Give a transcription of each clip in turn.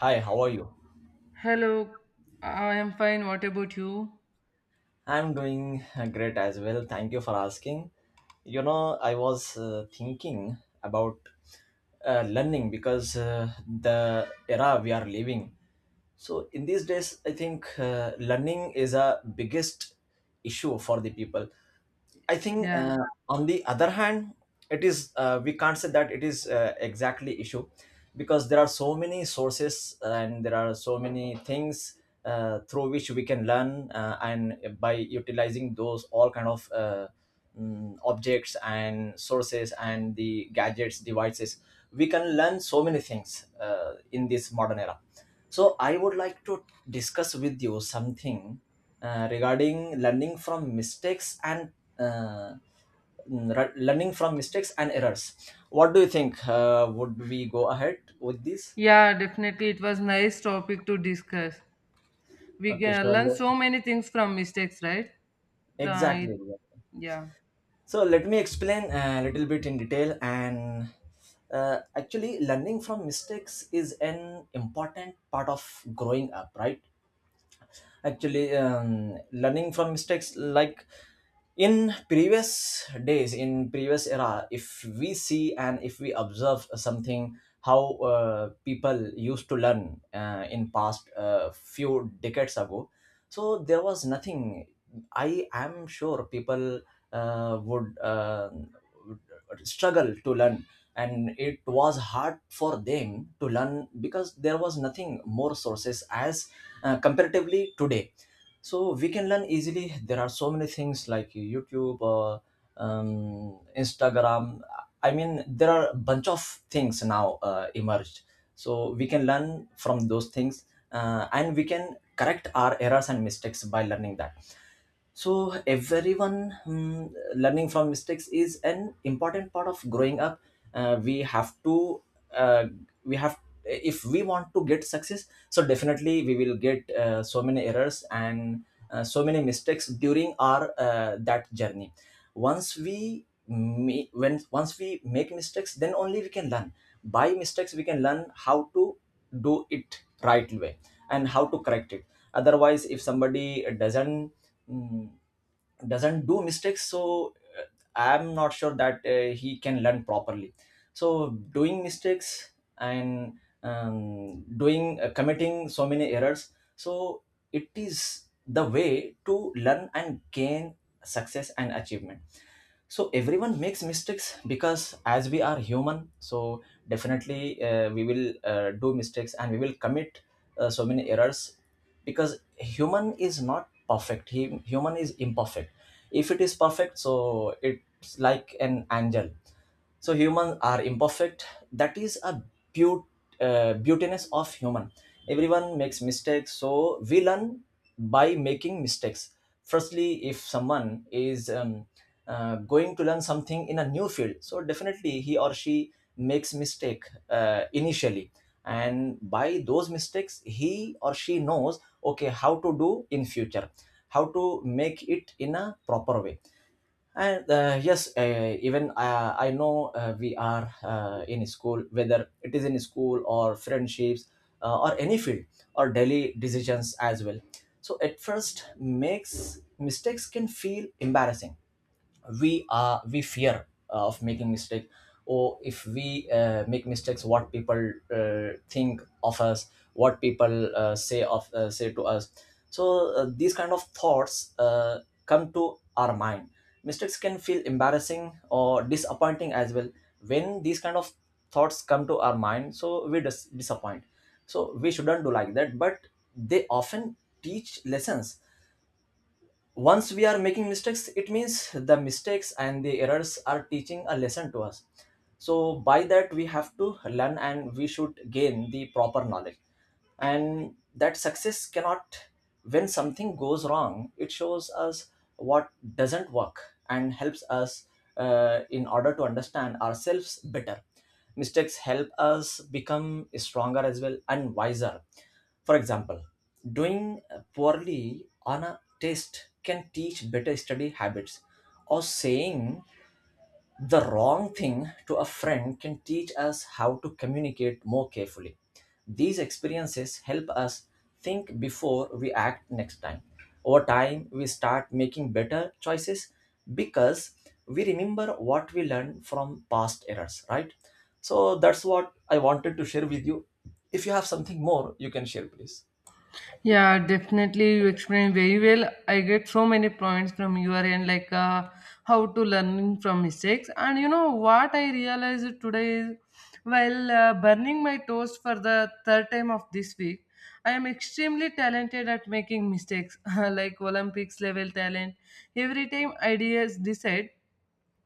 Hi, how are you? Hello, I am fine. What about you? I'm doing great as well. Thank you for asking. I was thinking about learning because the era we are living. So in these days, I think learning is a biggest issue for the people. I think Yeah. on the other hand, it is we can't say that it is exactly issue because there are so many sources and there are so many things through which we can learn and by utilizing those all kind of objects and sources and the gadgets devices we can learn so many things in this modern era. So I would like to discuss with you something regarding learning from mistakes and uh, learning from mistakes and errors. What do you think, would we go ahead with this? Yeah, definitely. It was nice topic to discuss. We Okay, can learn sure. so many things from mistakes, right? Exactly. The, yeah. So let me explain a little bit in detail. And actually, learning from mistakes is an important part of growing up, right? Actually, learning from mistakes, like in previous days, in previous era, if we see and if we observe something how people used to learn in past few decades ago, so there was nothing. I am sure people would would struggle to learn, and it was hard for them to learn because there was nothing more sources as comparatively today. So we can learn easily. There are so many things like YouTube, Instagram. I mean, there are a bunch of things now emerged, so we can learn from those things, and we can correct our errors and mistakes by learning that. So everyone, learning from mistakes is an important part of growing up. Uh, we have to uh, we have if we want to get success, so definitely we will get so many errors and so many mistakes during our that journey. Once we make mistakes, then only we can learn. By mistakes, we can learn how to do it right way and how to correct it. Otherwise, if somebody mm, doesn't do mistakes, so I'm not sure that he can learn properly. So doing mistakes and doing, committing so many errors, so it is the way to learn and gain success and achievement. So everyone makes mistakes because as we are human, so definitely we will do mistakes and we will commit so many errors because human is not perfect. He, human is imperfect. If it is perfect, so it's like an angel. So humans are imperfect. That is a beaut, beautiness of human. Everyone makes mistakes, so we learn by making mistakes. Firstly, if someone is going to learn something in a new field, so definitely he or she makes mistake initially, and by those mistakes he or she knows okay how to do in future, how to make it in a proper way. And yes, even I know we are in school, whether it is in school or friendships or any field or daily decisions as well. So at first, makes mistakes can feel embarrassing. We fear of making mistake, or if we make mistakes, what people think of us, what people say to us. So these kind of thoughts come to our mind. Mistakes can feel embarrassing or disappointing as well. When these kind of thoughts come to our mind, so we disappoint. So we shouldn't do like that, but they often teach lessons. Once we are making mistakes, it means the mistakes and the errors are teaching a lesson to us. So by that we have to learn and we should gain the proper knowledge. And that success cannot. When something goes wrong, it shows us what doesn't work and helps us in order to understand ourselves better. Mistakes help us become stronger as well and wiser. For example, doing poorly on a taste can teach better study habits. Or saying the wrong thing to a friend can teach us how to communicate more carefully. These experiences help us think before we act next time. Over time, we start making better choices because we remember what we learned from past errors, right? So that's what I wanted to share with you. If you have something more, you can share, please. Yeah, definitely. You explained very well. I get so many points from your end, like how to learning from mistakes. And you know what I realized today is, while burning my toast for the third time of this week, I am extremely talented at making mistakes, like Olympics level talent. Every time ideas decide,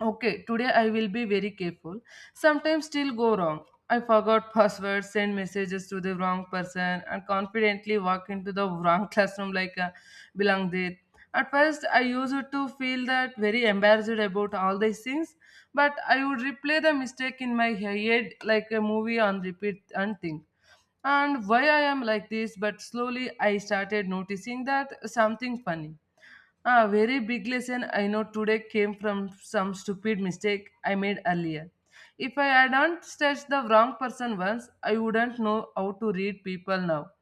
okay, today I will be very careful. Sometimes still go wrong. I forgot passwords, send messages to the wrong person, and confidently walk into the wrong classroom like a belong there. At first, I used to feel that very embarrassed about all these things, but I would replay the mistake in my head like a movie on repeat and think and why I am like this, but slowly I started noticing that something funny. A very big lesson I know today came from some stupid mistake I made earlier. If I hadn't touched the wrong person once, I wouldn't know how to read people now.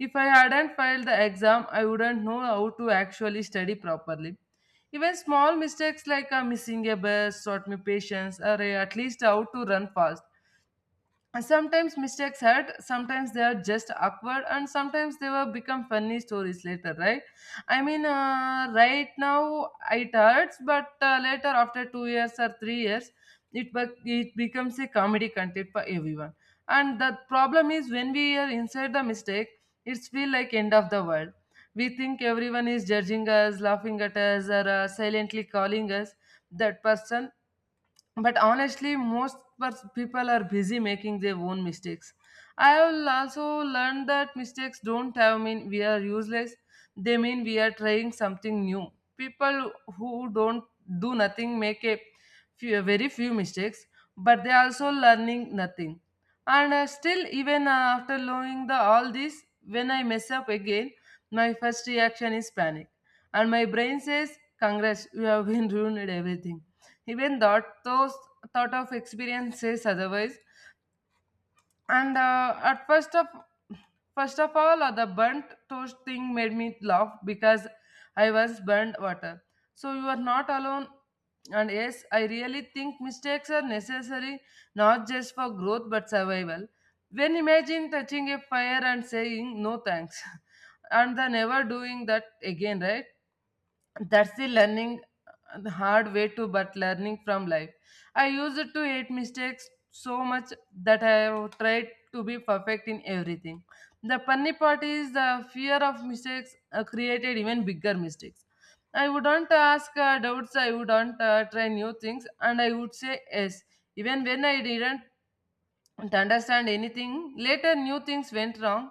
If I hadn't failed the exam, I wouldn't know how to actually study properly. Even small mistakes like missing a bus taught me patience or at least how to run fast. And sometimes mistakes hurt, sometimes they are just awkward, and sometimes they will become funny stories later, right? I mean, right now it hurts, but later, after 2 years or 3 years, it becomes a comedy content for everyone. And the problem is when we are inside the mistake, it's feel like end of the world. We think everyone is judging us, laughing at us, or silently calling us that person, but honestly most people are busy making their own mistakes. I have also learned that mistakes don't have mean we are useless, they mean we are trying something new. People who don't do nothing make a few, very few mistakes, but they are also learning nothing. And still even after learning the all this, when I mess up again, my first reaction is panic, and my brain says, congrats, you have been ruined everything. Even thought those thought of experiences otherwise. And at first of all, the burnt toast thing made me laugh because I was burnt water, so you are not alone. And yes, I really think mistakes are necessary, not just for growth but survival. When imagine touching a fire and saying no thanks, and the never doing that again, right? That's the learning, the hard way to but learning from life. I used to hate mistakes so much that I have tried to be perfect in everything. The funny part is the fear of mistakes created even bigger mistakes. I wouldn't ask doubts, I wouldn't try new things, and I would say yes even when I didn't to understand anything. Later, new things went wrong.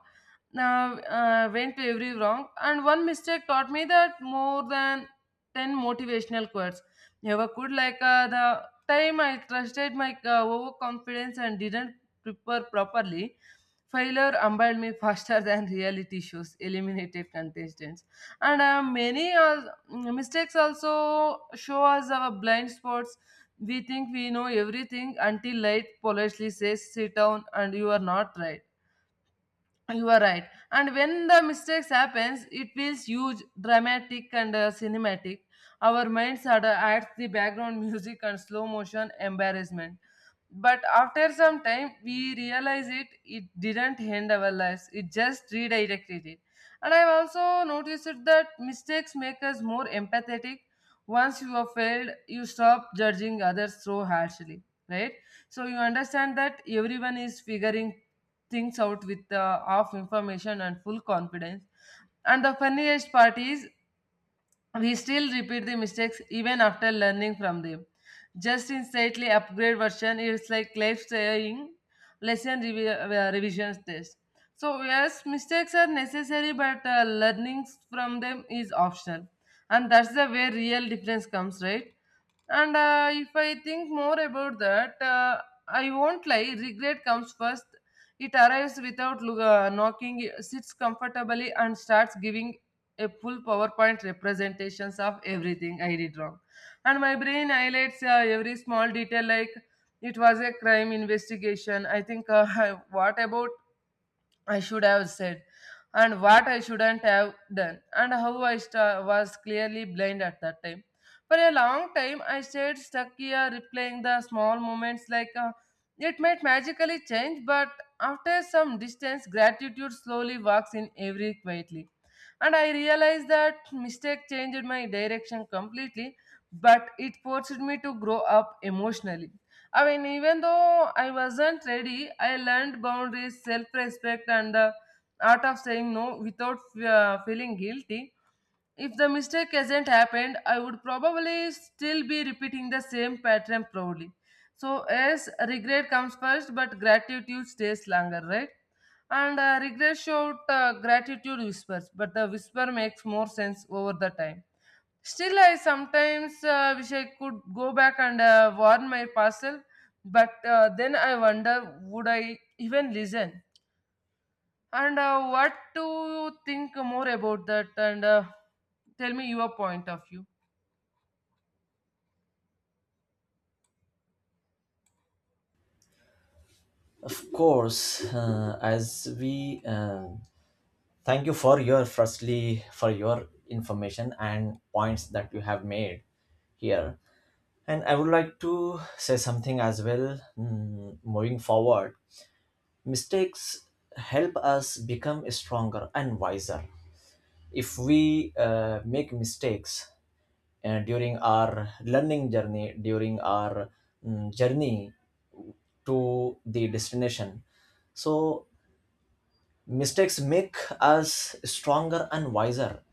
Now went to every wrong, and one mistake taught me that more than 10 motivational quotes. Never could like the time I trusted my overconfidence and didn't prepare properly. Failure humbled me faster than reality shows, eliminated contestants. And many mistakes also show us our blind spots. We think we know everything until light politely says, sit down, and you are not right. You are right. And when the mistakes happens, it feels huge, dramatic, and cinematic. Our minds are, adds the background music and slow motion embarrassment. But after some time, we realize it. It didn't end our lives. It just redirected it. And I've also noticed it that mistakes make us more empathetic. Once you have failed, you stop judging others so harshly, right? So you understand that everyone is figuring things out with half information and full confidence. And the funniest part is we still repeat the mistakes even after learning from them. Just in slightly upgrade version, it's like life saying revision test. So yes, mistakes are necessary, but learning from them is optional, and that's the way real difference comes, right? And if I think more about that, I won't lie. Regret comes first. It arrives without knocking, sits comfortably, and starts giving a full PowerPoint representations of everything I did wrong. And my brain highlights every small detail like it was a crime investigation. I think, what about I should have said, and what I shouldn't have done, and how I was clearly blind at that time. For a long time, I stayed stuck here, replaying the small moments like it might magically change, but after some distance, gratitude slowly walks in every quietly. And I realized that mistake changed my direction completely, but it forced me to grow up emotionally. I mean, even though I wasn't ready, I learned boundaries, self respect, and the art of saying no without feeling guilty. If the mistake hasn't happened, I would probably still be repeating the same pattern proudly. So, yes, regret comes first, but gratitude stays longer, right? And regret shout, gratitude whispers, but the whisper makes more sense over the time. Still, I sometimes wish I could go back and warn my parcel, but then I wonder would I even listen? And what to think more about that? And tell me your point of view. Of course, as we thank you for your, firstly, for your information and points that you have made here. And I would like to say something as well. Moving forward, mistakes help us become stronger and wiser. If we make mistakes, and during our learning journey, during our journey to the destination, so mistakes make us stronger and wiser.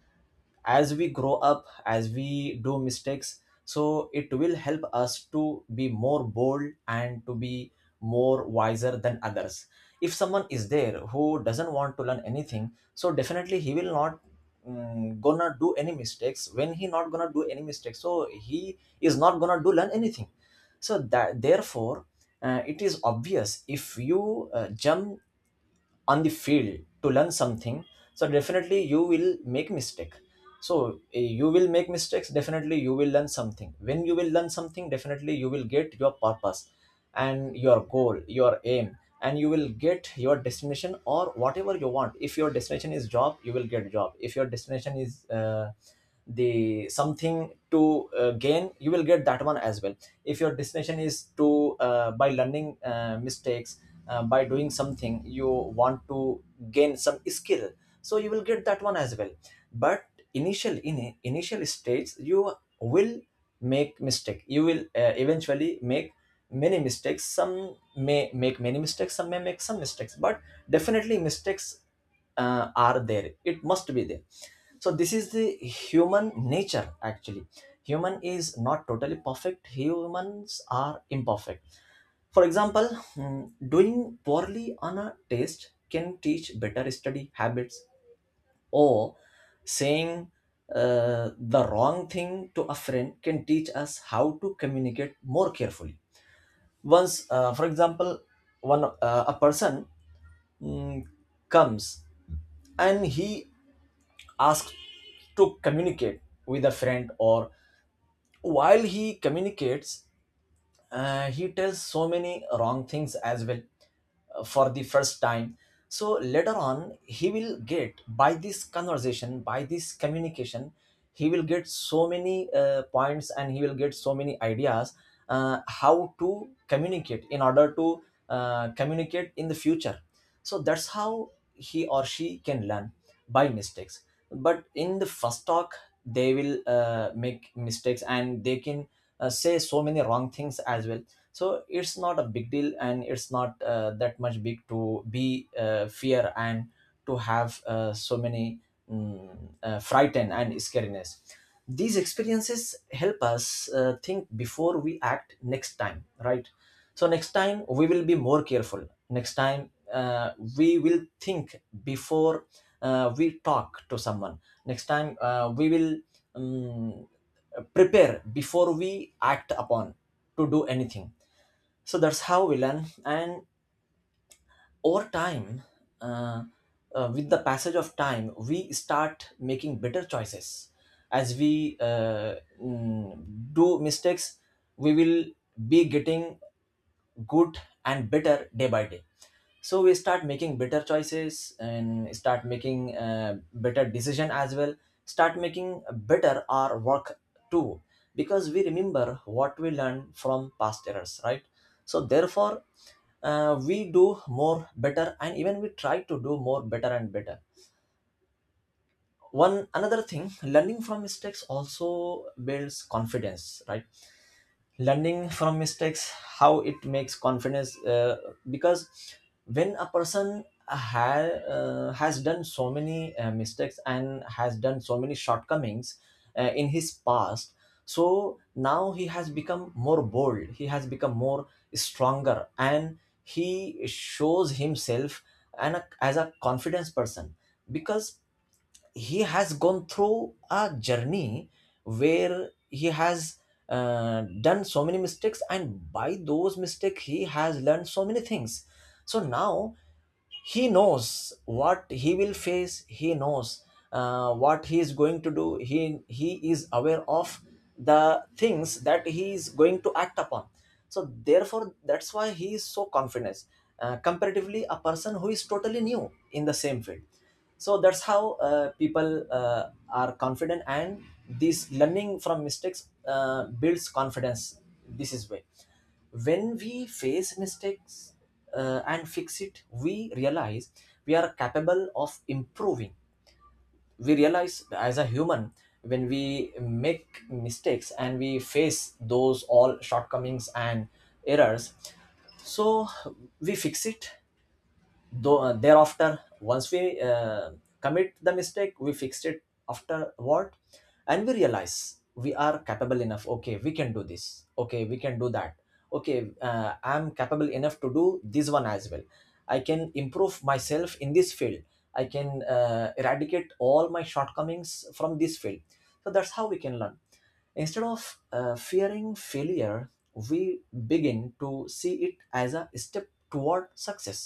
As we grow up, as we do mistakes, so it will help us to be more bold and to be more wiser than others. If someone is there who doesn't want to learn anything, so definitely he will not gonna do any mistakes. When he not gonna do any mistakes, so he is not gonna do learn anything. So that therefore, it is obvious if you jump on the field to learn something, so definitely you will make mistake. So, you will make mistakes, definitely you will learn something. When you will learn something, definitely you will get your purpose and your goal, your aim, and you will get your destination or whatever you want. If your destination is job, you will get job. If your destination is the something to gain, you will get that one as well. If your destination is to by learning mistakes, by doing something, you want to gain some skill, so you will get that one as well. But initial stages, you will make mistake. You will eventually make many mistakes. Some may make many mistakes, some may make some mistakes, but definitely mistakes are there, it must be there. So this is the human nature actually. Human is not totally perfect, humans are imperfect. For example, doing poorly on a test can teach better study habits, or saying the wrong thing to a friend can teach us how to communicate more carefully. Once, for example, one a person mm, comes and he asks to communicate with a friend, or while he communicates, he tells so many wrong things as well for the first time. So later on, he will get by this conversation, by this communication, he will get so many points and he will get so many ideas how to communicate in order to communicate in the future. So that's how he or she can learn by mistakes. But in the first talk, they will make mistakes, and they can say so many wrong things as well. So it's not a big deal, and it's not that much big to be fear and to have so many mm, frighten and scariness. These experiences help us think before we act next time, right? So next time we will be more careful. Next time we will think before we talk to someone. Next time we will um, prepare before we act upon to do anything. So that's how we learn. And over time, uh, with the passage of time, we start making better choices. As we mm, do mistakes, we will be getting good and better day by day. So we start making better choices and start making better decision as well, start making better our work too, because we remember what we learned from past errors, right? So therefore we do more better, and even we try to do more better and better. One another thing, learning from mistakes also builds confidence, right? Learning from mistakes, how it makes confidence, because when a person has done so many mistakes and has done so many shortcomings in his past, so now he has become more bold, he has become more stronger, and he shows himself as a confidence person because he has gone through a journey where he has done so many mistakes, and by those mistakes he has learned so many things. So now he knows what he will face. He knows what he is going to do. He is aware of the things that he is going to act upon. So therefore that's why he is so confident comparatively a person who is totally new in the same field. So that's how people are confident, and this learning from mistakes builds confidence. This is way when we face mistakes and fix it, we Realize we are capable of improving. We realize as a human, when we make mistakes and we face those all shortcomings and errors, so we fix it. Though thereafter, once we commit the mistake, we fixed it afterward, and we realize we are capable enough. Okay, we can do this. Okay, we can do that. Okay, I'm capable enough to do this one as well. I can improve myself in this field. I can eradicate all my shortcomings from this field. So that's how we can learn. Instead of fearing failure, we begin to see it as a step toward success.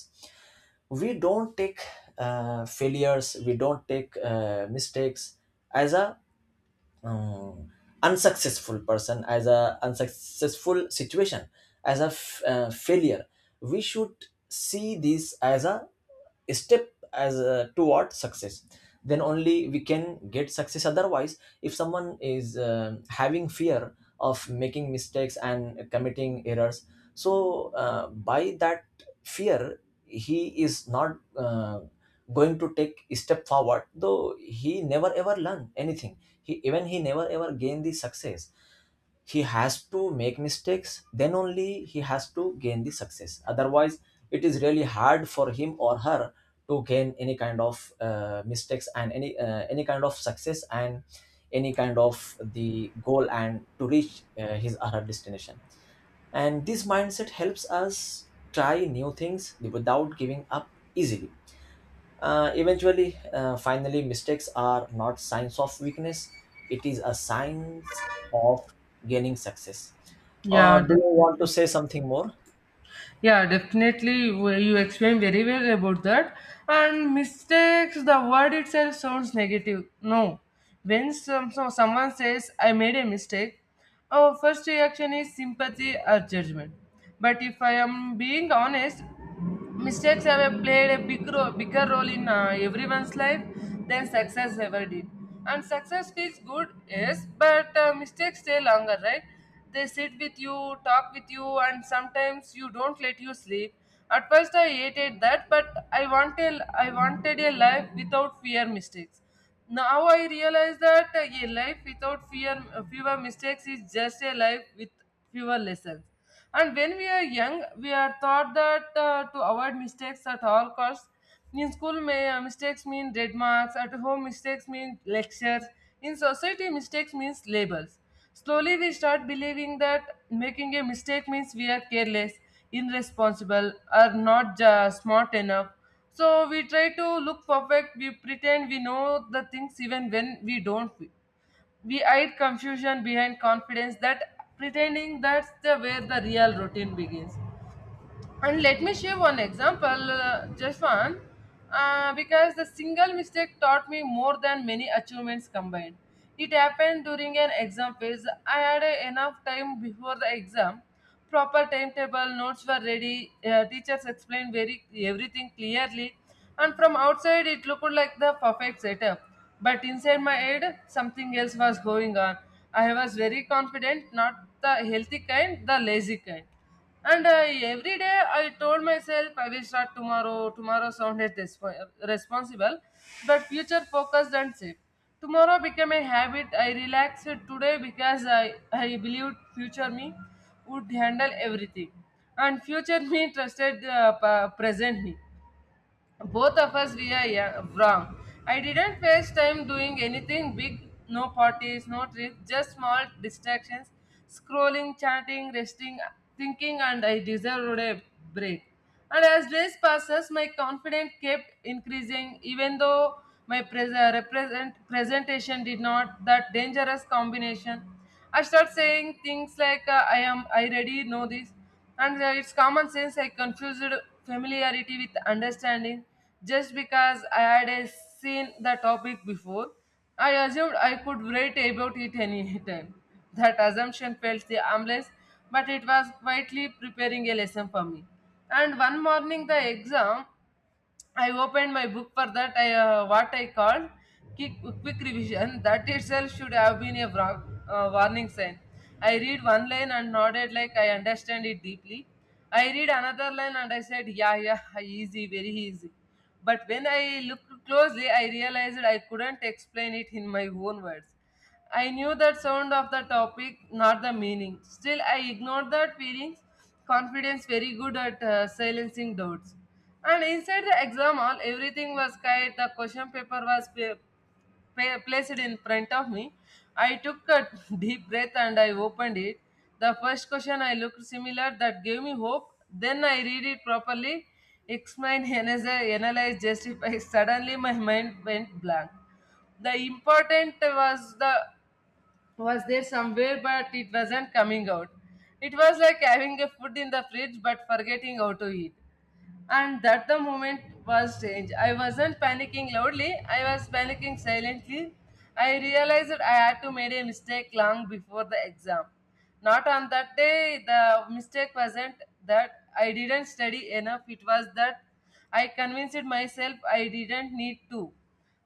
We don't take failures, we don't take mistakes as a uh, unsuccessful person, as a unsuccessful situation, as a failure. We should see this as a step, as a, toward success. Then only we can get success. Otherwise, if someone is having fear of making mistakes and committing errors, so by that fear, he is not going to take a step forward, though he never ever learn anything. He, even he never ever gain the success. He has to make mistakes, then only he has to gain the success. Otherwise, it is really hard for him or her to gain any kind of mistakes and any kind of success, and any kind of the goal, and to reach his or her destination. And this mindset helps us try new things without giving up easily. Eventually, finally, mistakes are not signs of weakness. It is a signs of gaining success. Yeah, Do you want to definitely. say something more? Yeah, definitely. You explained very well about that. And mistakes, the word itself sounds negative. No. When some, so someone says, I made a mistake, our first reaction is sympathy or judgment. But if I am being honest, mistakes played a bigger role in everyone's life than success ever did. And success feels good, yes, but mistakes stay longer, right? They sit with you, talk with you, and sometimes you don't let you sleep. At first, I hated that, but I wanted a life without fear mistakes. Now I realize that a life without fear, fewer mistakes is just a life with fewer lessons. And when we are young, we are taught that to avoid mistakes at all costs. In school, mistakes mean red marks. At home, mistakes mean lectures. In society, mistakes means labels. Slowly, we start believing that making a mistake means we are careless, irresponsible, or not ju- smart enough. So, we try to look perfect, we pretend we know the things even when we don't. We hide confusion behind confidence that pretending that's the where the real routine begins. And let me share one example, just one, because the single mistake taught me more than many achievements combined. It happened during an exam phase. I had enough time before the exam. Proper timetable, notes were ready, teachers explained very everything clearly, and from outside it looked like the perfect setup. But inside my head, something else was going on. I was very confident, not the healthy kind, the lazy kind. And I, every day I told myself I will start tomorrow. Tomorrow sounded responsible, but future focused and safe. Tomorrow became a habit. I relaxed today because I believed future me would handle everything. And future me trusted the present me. Both of us we are wrong. I didn't waste time doing anything big, no parties, no trips, just small distractions, scrolling, chatting, resting, thinking, and I deserved a break. And as days passes, my confidence kept increasing, even though my presentation did not that dangerous combination. I start saying things like I already know this, and it's common sense. I confused familiarity with understanding. Just because I had seen the topic before, I assumed I could write about it any time. That assumption felt the harmless, but it was quietly preparing a lesson for me. And one morning, the exam I opened my book for that I, what I called quick, quick revision. That itself should have been a wrong, warning sign. I read one line and nodded like I understand it deeply. I read another line and I said, yeah, yeah, easy, very easy. But when I looked closely, I realized I couldn't explain it in my own words. I knew that sound of the topic, not the meaning. Still, I ignored that feelings. Confidence very good at silencing doubts. And inside the exam hall, everything was quiet. The question paper was placed in front of me. I took a deep breath and I opened it. The first question I looked similar, that gave me hope. Then I read it properly, explain, analyze, justify. Suddenly, my mind went blank. The important was the was there somewhere, but it wasn't coming out. It was like having a food in the fridge but forgetting how to eat. And that the moment was strange. I wasn't panicking loudly, I was panicking silently. I realized that I had to made a mistake long before the exam. Not on that day, the mistake wasn't that I didn't study enough, it was that I convinced myself I didn't need to.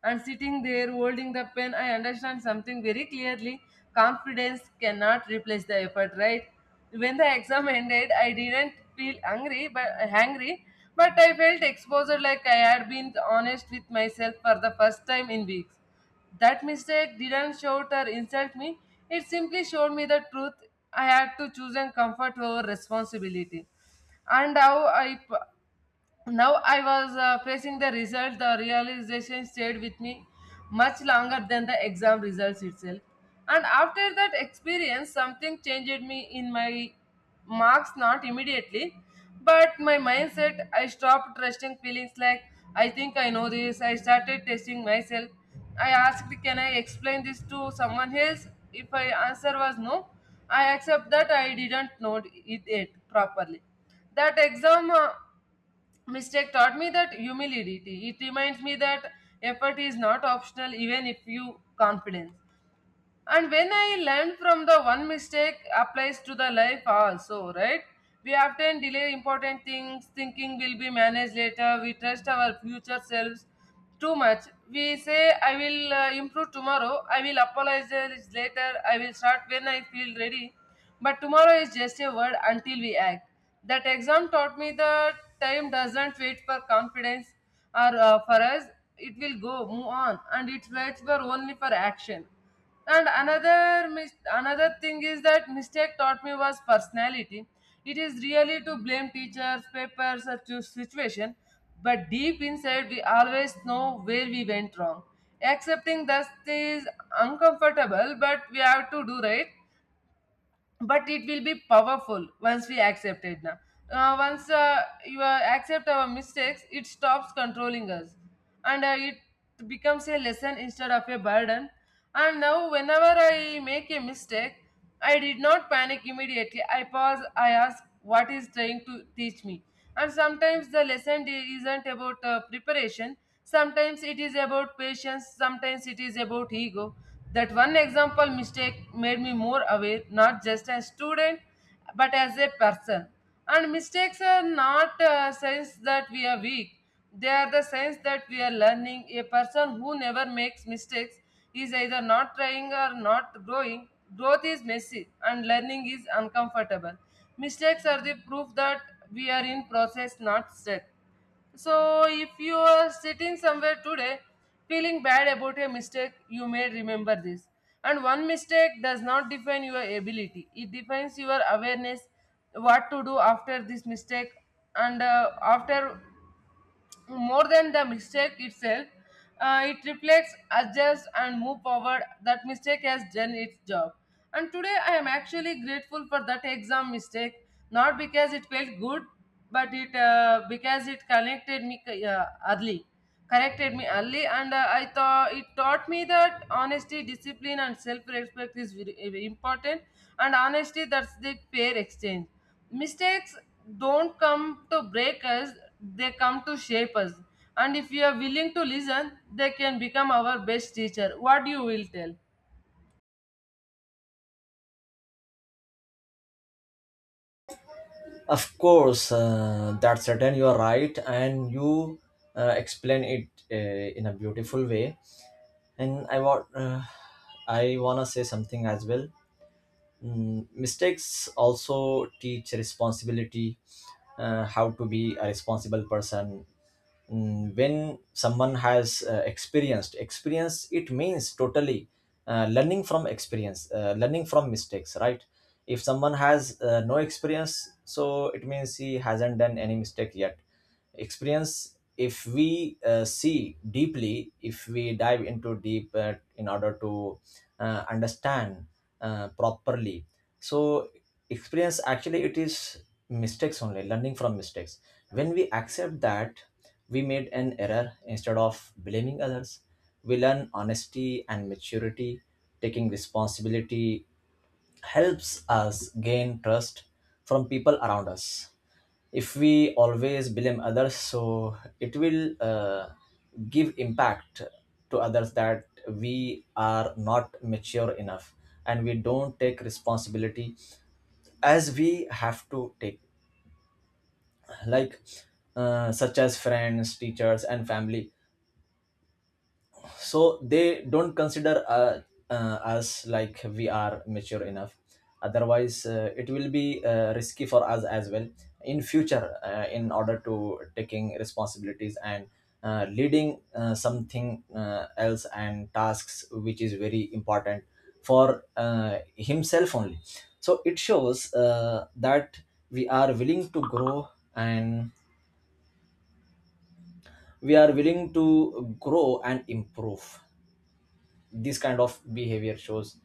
And sitting there holding the pen, I understand something very clearly. Confidence cannot replace the effort, right? When the exam ended, I didn't feel angry, but hangry, but I felt exposed like I had been honest with myself for the first time in weeks. That mistake didn't shout or insult me. It simply showed me the truth. I had to choose and comfort over responsibility. And how I p- Now I was facing the result. The realization stayed with me much longer than the exam results itself. And after that experience, something changed me in my marks, not immediately, but my mindset. I stopped trusting feelings like I think I know this. I started testing myself. I asked, can I explain this to someone else? If my answer was no, I accept that I didn't know it yet properly. That exam mistake taught me that humility. It reminds me that effort is not optional even if you confidence. And when I learn from the one mistake applies to the life also, right? We often delay important things thinking will be managed later. We trust our future selves too much. We say I will improve tomorrow, I will apologize later, I will start when I feel ready. But tomorrow is just a word until we act. That exam taught me that time doesn't wait for confidence or for us. It will go move on and it waits for only for action. Another thing is that mistake taught me was personality. It is really to blame teachers, papers or to situation, but deep inside we always know where we went wrong. Accepting that is uncomfortable, but we have to do, right? But it will be powerful once we accept it. Now once you Accept our mistakes, it stops controlling us. And uh, it becomes a lesson instead of a burden. And now whenever I make a mistake, I did not panic immediately. I pause, I ask what is trying to teach me. And sometimes the isn't about preparation. Sometimes it is about patience, sometimes it is about ego. That one example mistake made me more aware, not just as student, but as a person. And mistakes are not a signs that we are weak. They are the signs that we are learning. A person who never makes mistakes is either not trying or not growing. Growth is messy and learning is uncomfortable. Mistakes are the proof that we are in process, not stuck. So, if you are sitting somewhere today feeling bad about a mistake, you may remember this. And one mistake does not define your ability, it defines your awareness, what to do after this mistake, and after more than the mistake itself, it reflects, adjusts, and move forward. That mistake has done its job. And today I am actually grateful for that exam mistake, not because it felt good, but it because it connected me early, corrected me early, and I thought it taught me that honesty, discipline, and self-respect is very, very important. And honesty, that's the fair exchange. Mistakes don't come to break us, they come to shape us. And if we are willing to listen, they can become our best teacher. What you will tell? Of course, that's certain. You are right, and you explain it in a beautiful way. And I want, I wanna say something as well. Mistakes also teach responsibility, how to be a responsible person. When someone has experience, it means totally learning from experience, learning from mistakes, right? If someone has no experience, so it means he hasn't done any mistake yet. Experience, if we see deeply, if we dive into deep in order to understand properly, so experience actually, it is mistakes only, learning from mistakes. When we accept that we made an error instead of blaming others, we learn honesty and maturity. Taking responsibility helps us gain trust from people around us. If we always blame others, so it will give impact to others that we are not mature enough and we don't take responsibility as we have to take, like such as friends, teachers and family. So they don't consider us like we are mature enough. Otherwise it will be risky for us as well in future, in order to taking responsibilities and leading something else, and tasks which is very important for himself only. So it shows that we are willing to grow. And we are willing to grow and improve, this kind of behavior shows.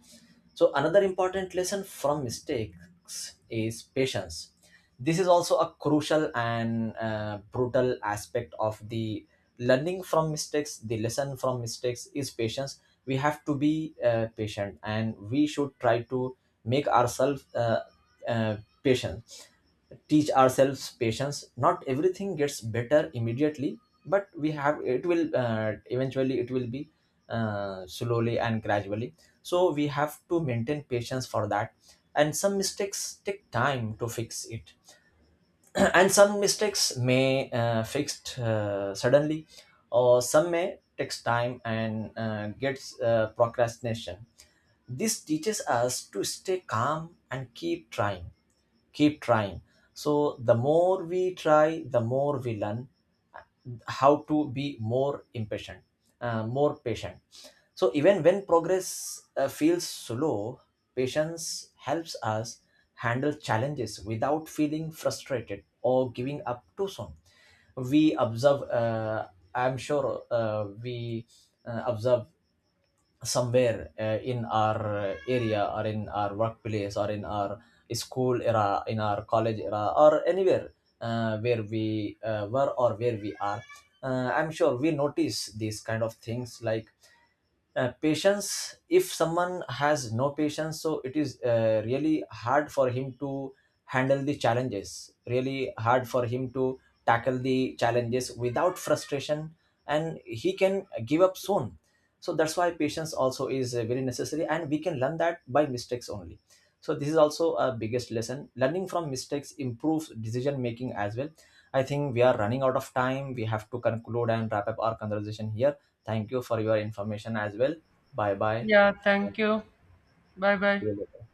So another important lesson from mistakes is patience. This is also a crucial and brutal aspect of the learning from mistakes. The lesson from mistakes is patience. We have to be patient, and we should try to make ourselves uh, patient. Teach ourselves patience. Not everything gets better immediately, but we have, it will eventually, it will be slowly and gradually, so we have to maintain patience for that. And some mistakes take time to fix it, and some mistakes may fixed suddenly, or some may takes time and gets procrastination. This teaches us to stay calm and keep trying, keep trying. So the more we try, the more we learn how to be more impatient, more patient. So even when progress feels slow, patience helps us handle challenges without feeling frustrated or giving up too soon. We observe, I'm sure we observe somewhere in our area, or in our workplace, or in our school era, in our college era, or anywhere where we were, or where we are. I'm sure we notice these kind of things, like patience. If someone has no patience, so it is really hard for him to handle the challenges, really hard for him to tackle the challenges without frustration, and he can give up soon. So that's why patience also is very necessary, and we can learn that by mistakes only. So this is also a biggest lesson. Learning from mistakes improves decision making as well. I think we are running out of time. We have to conclude and wrap up our conversation here. Thank you for your information as well. Bye bye. Yeah, thank you. Bye bye. Absolutely.